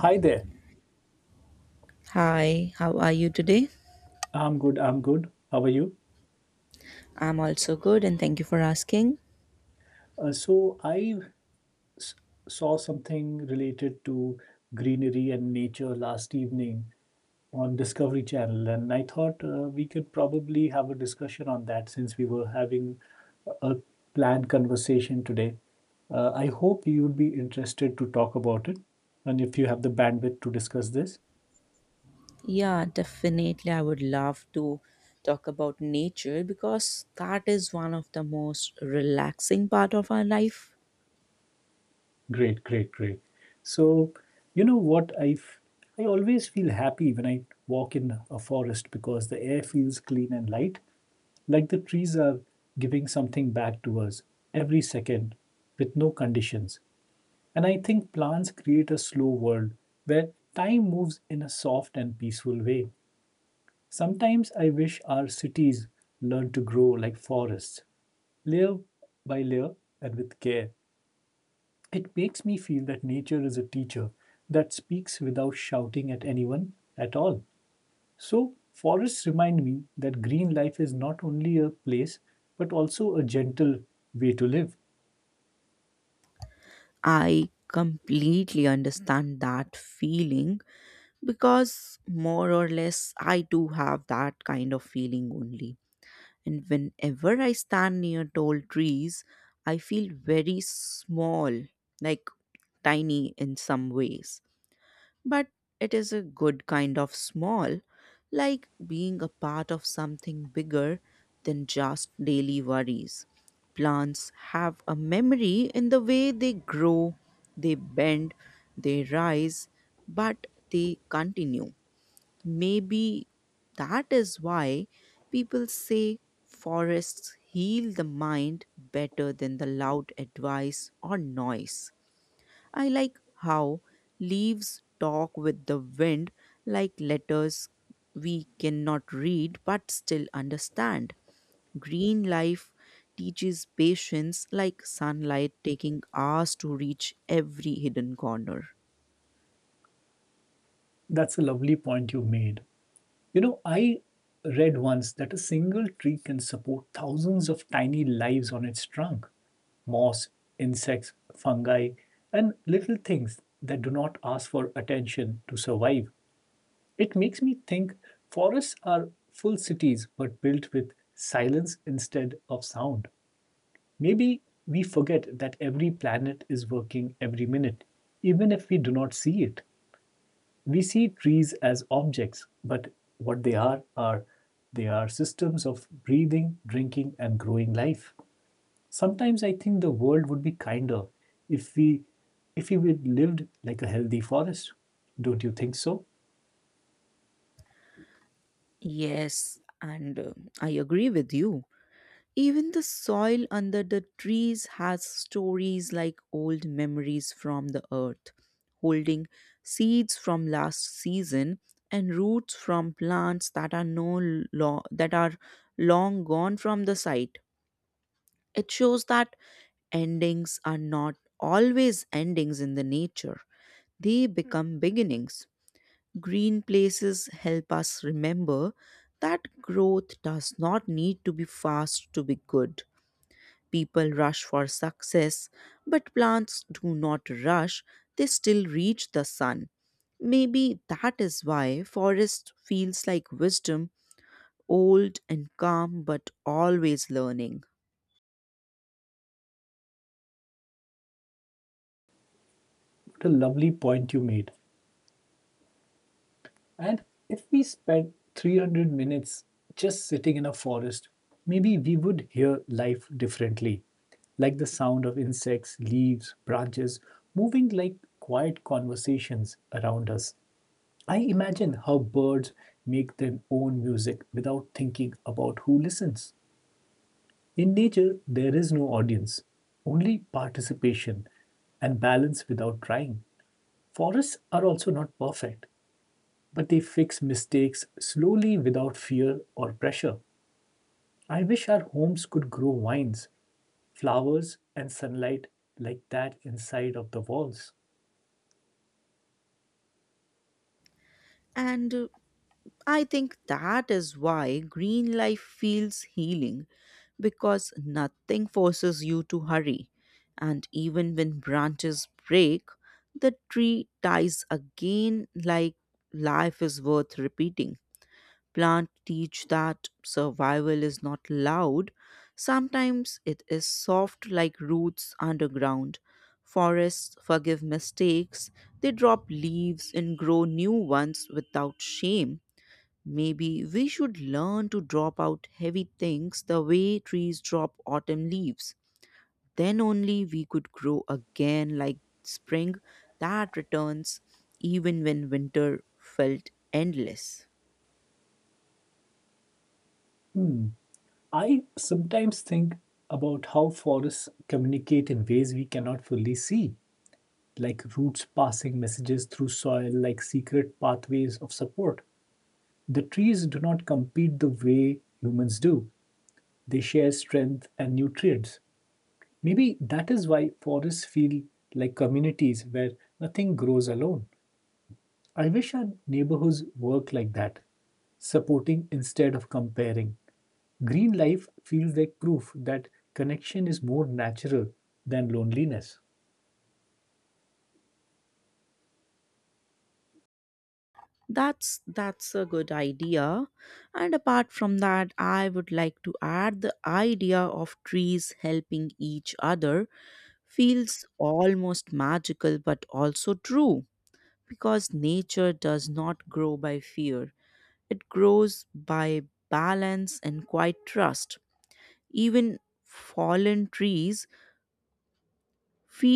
Hi there. Hi, how are you today? I'm good. I'm good. How are you? I'm also good and thank you for asking. So I s- saw something related to greenery and nature last evening on Discovery Channel, and I thought we could probably have a discussion on that since we were having a planned conversation today. I hope you would be interested to talk about it, and if you have the bandwidth to discuss this. Yeah, definitely. I would love to talk about nature because that is one of the most relaxing part of our life. Great, great, great. So, you know what? I always feel happy when I walk in a forest because the air feels clean and light, like the trees are giving something back to us every second with no conditions. And I think plants create a slow world where time moves in a soft and peaceful way. Sometimes I wish our cities learn to grow like forests, layer by layer and with care. It makes me feel that nature is a teacher that speaks without shouting at anyone at all. So, forests remind me that green life is not only a place but also a gentle way to live. I completely understand that feeling because more or less I do have that kind of feeling only. And whenever I stand near tall trees, I feel very small, like tiny in some ways but it is a good kind of small, like being a part of something bigger than just daily worries. Plants have a memory in the way they grow, they bend, they rise, but they continue. Maybe that is why people say forests heal the mind better than the loud advice or noise. I like how leaves talk with the wind like letters we cannot read but still understand. Green life teaches patience like sunlight taking hours to reach every hidden corner. That's a lovely point you made. You know, I read once that a single tree can support thousands of tiny lives on its trunk moss, insects, fungi, and little things that do not ask for attention to survive. It makes me think forests are full cities but built with silence instead of sound. Maybe we forget that every planet is working every minute, even if we do not see it. We see trees as objects, but what they are they are systems of breathing, drinking, and growing life. Sometimes I think the world would be kinder if we if we lived like a healthy forest. Don't you think so? Yes, and I agree with you. Even the soil under the trees has stories like old memories from the earth, holding seeds from last season and roots from plants that are no lo- that are long gone from the site. It shows that endings are not always endings in the nature. They become beginnings. Green places help us remember that growth does not need to be fast to be good. People rush for success, but plants do not rush, they still reach the sun. Maybe that is why forest feels like wisdom, old and calm but always learning. What a lovely point you made. And if we spent 300 minutes just sitting in a forest, maybe we would hear life differently, like the sound of insects, leaves, branches moving like quiet conversations around us. I imagine how birds make their own music without thinking about who listens. In nature, there is no audience, only participation and balance without trying. Forests are also not perfect but they fix mistakes slowly without fear or pressure. I wish our homes could grow vines, flowers, and sunlight like that inside of the walls. And I think that is why green life feels healing because nothing forces you to hurry. And even when branches break, the tree dies again like life is worth repeating. Plant teach that survival is not loud. Sometimes it is soft like roots underground. Forests forgive mistakes. They drop leaves and grow new ones without shame. Maybe we should learn to drop out heavy things the way trees drop autumn leaves. Then only we could grow again like spring that returns even when winter felt endless. Hmm. I sometimes think about how forests communicate in ways we cannot fully see, like roots passing messages through soil, like secret pathways of support. The trees do not compete the way humans do, they share strength and nutrients. Maybe that is why forests feel like communities where nothing grows alone. I wish our neighborhoods work like that, supporting instead of comparing. Green life feels like proof that connection is more natural than loneliness. That's a good idea. And apart from that, I would like to add the idea of trees helping each other feels almost magical but also true because nature does not grow by fear. It grows by balance and quiet trust. Even fallen trees feel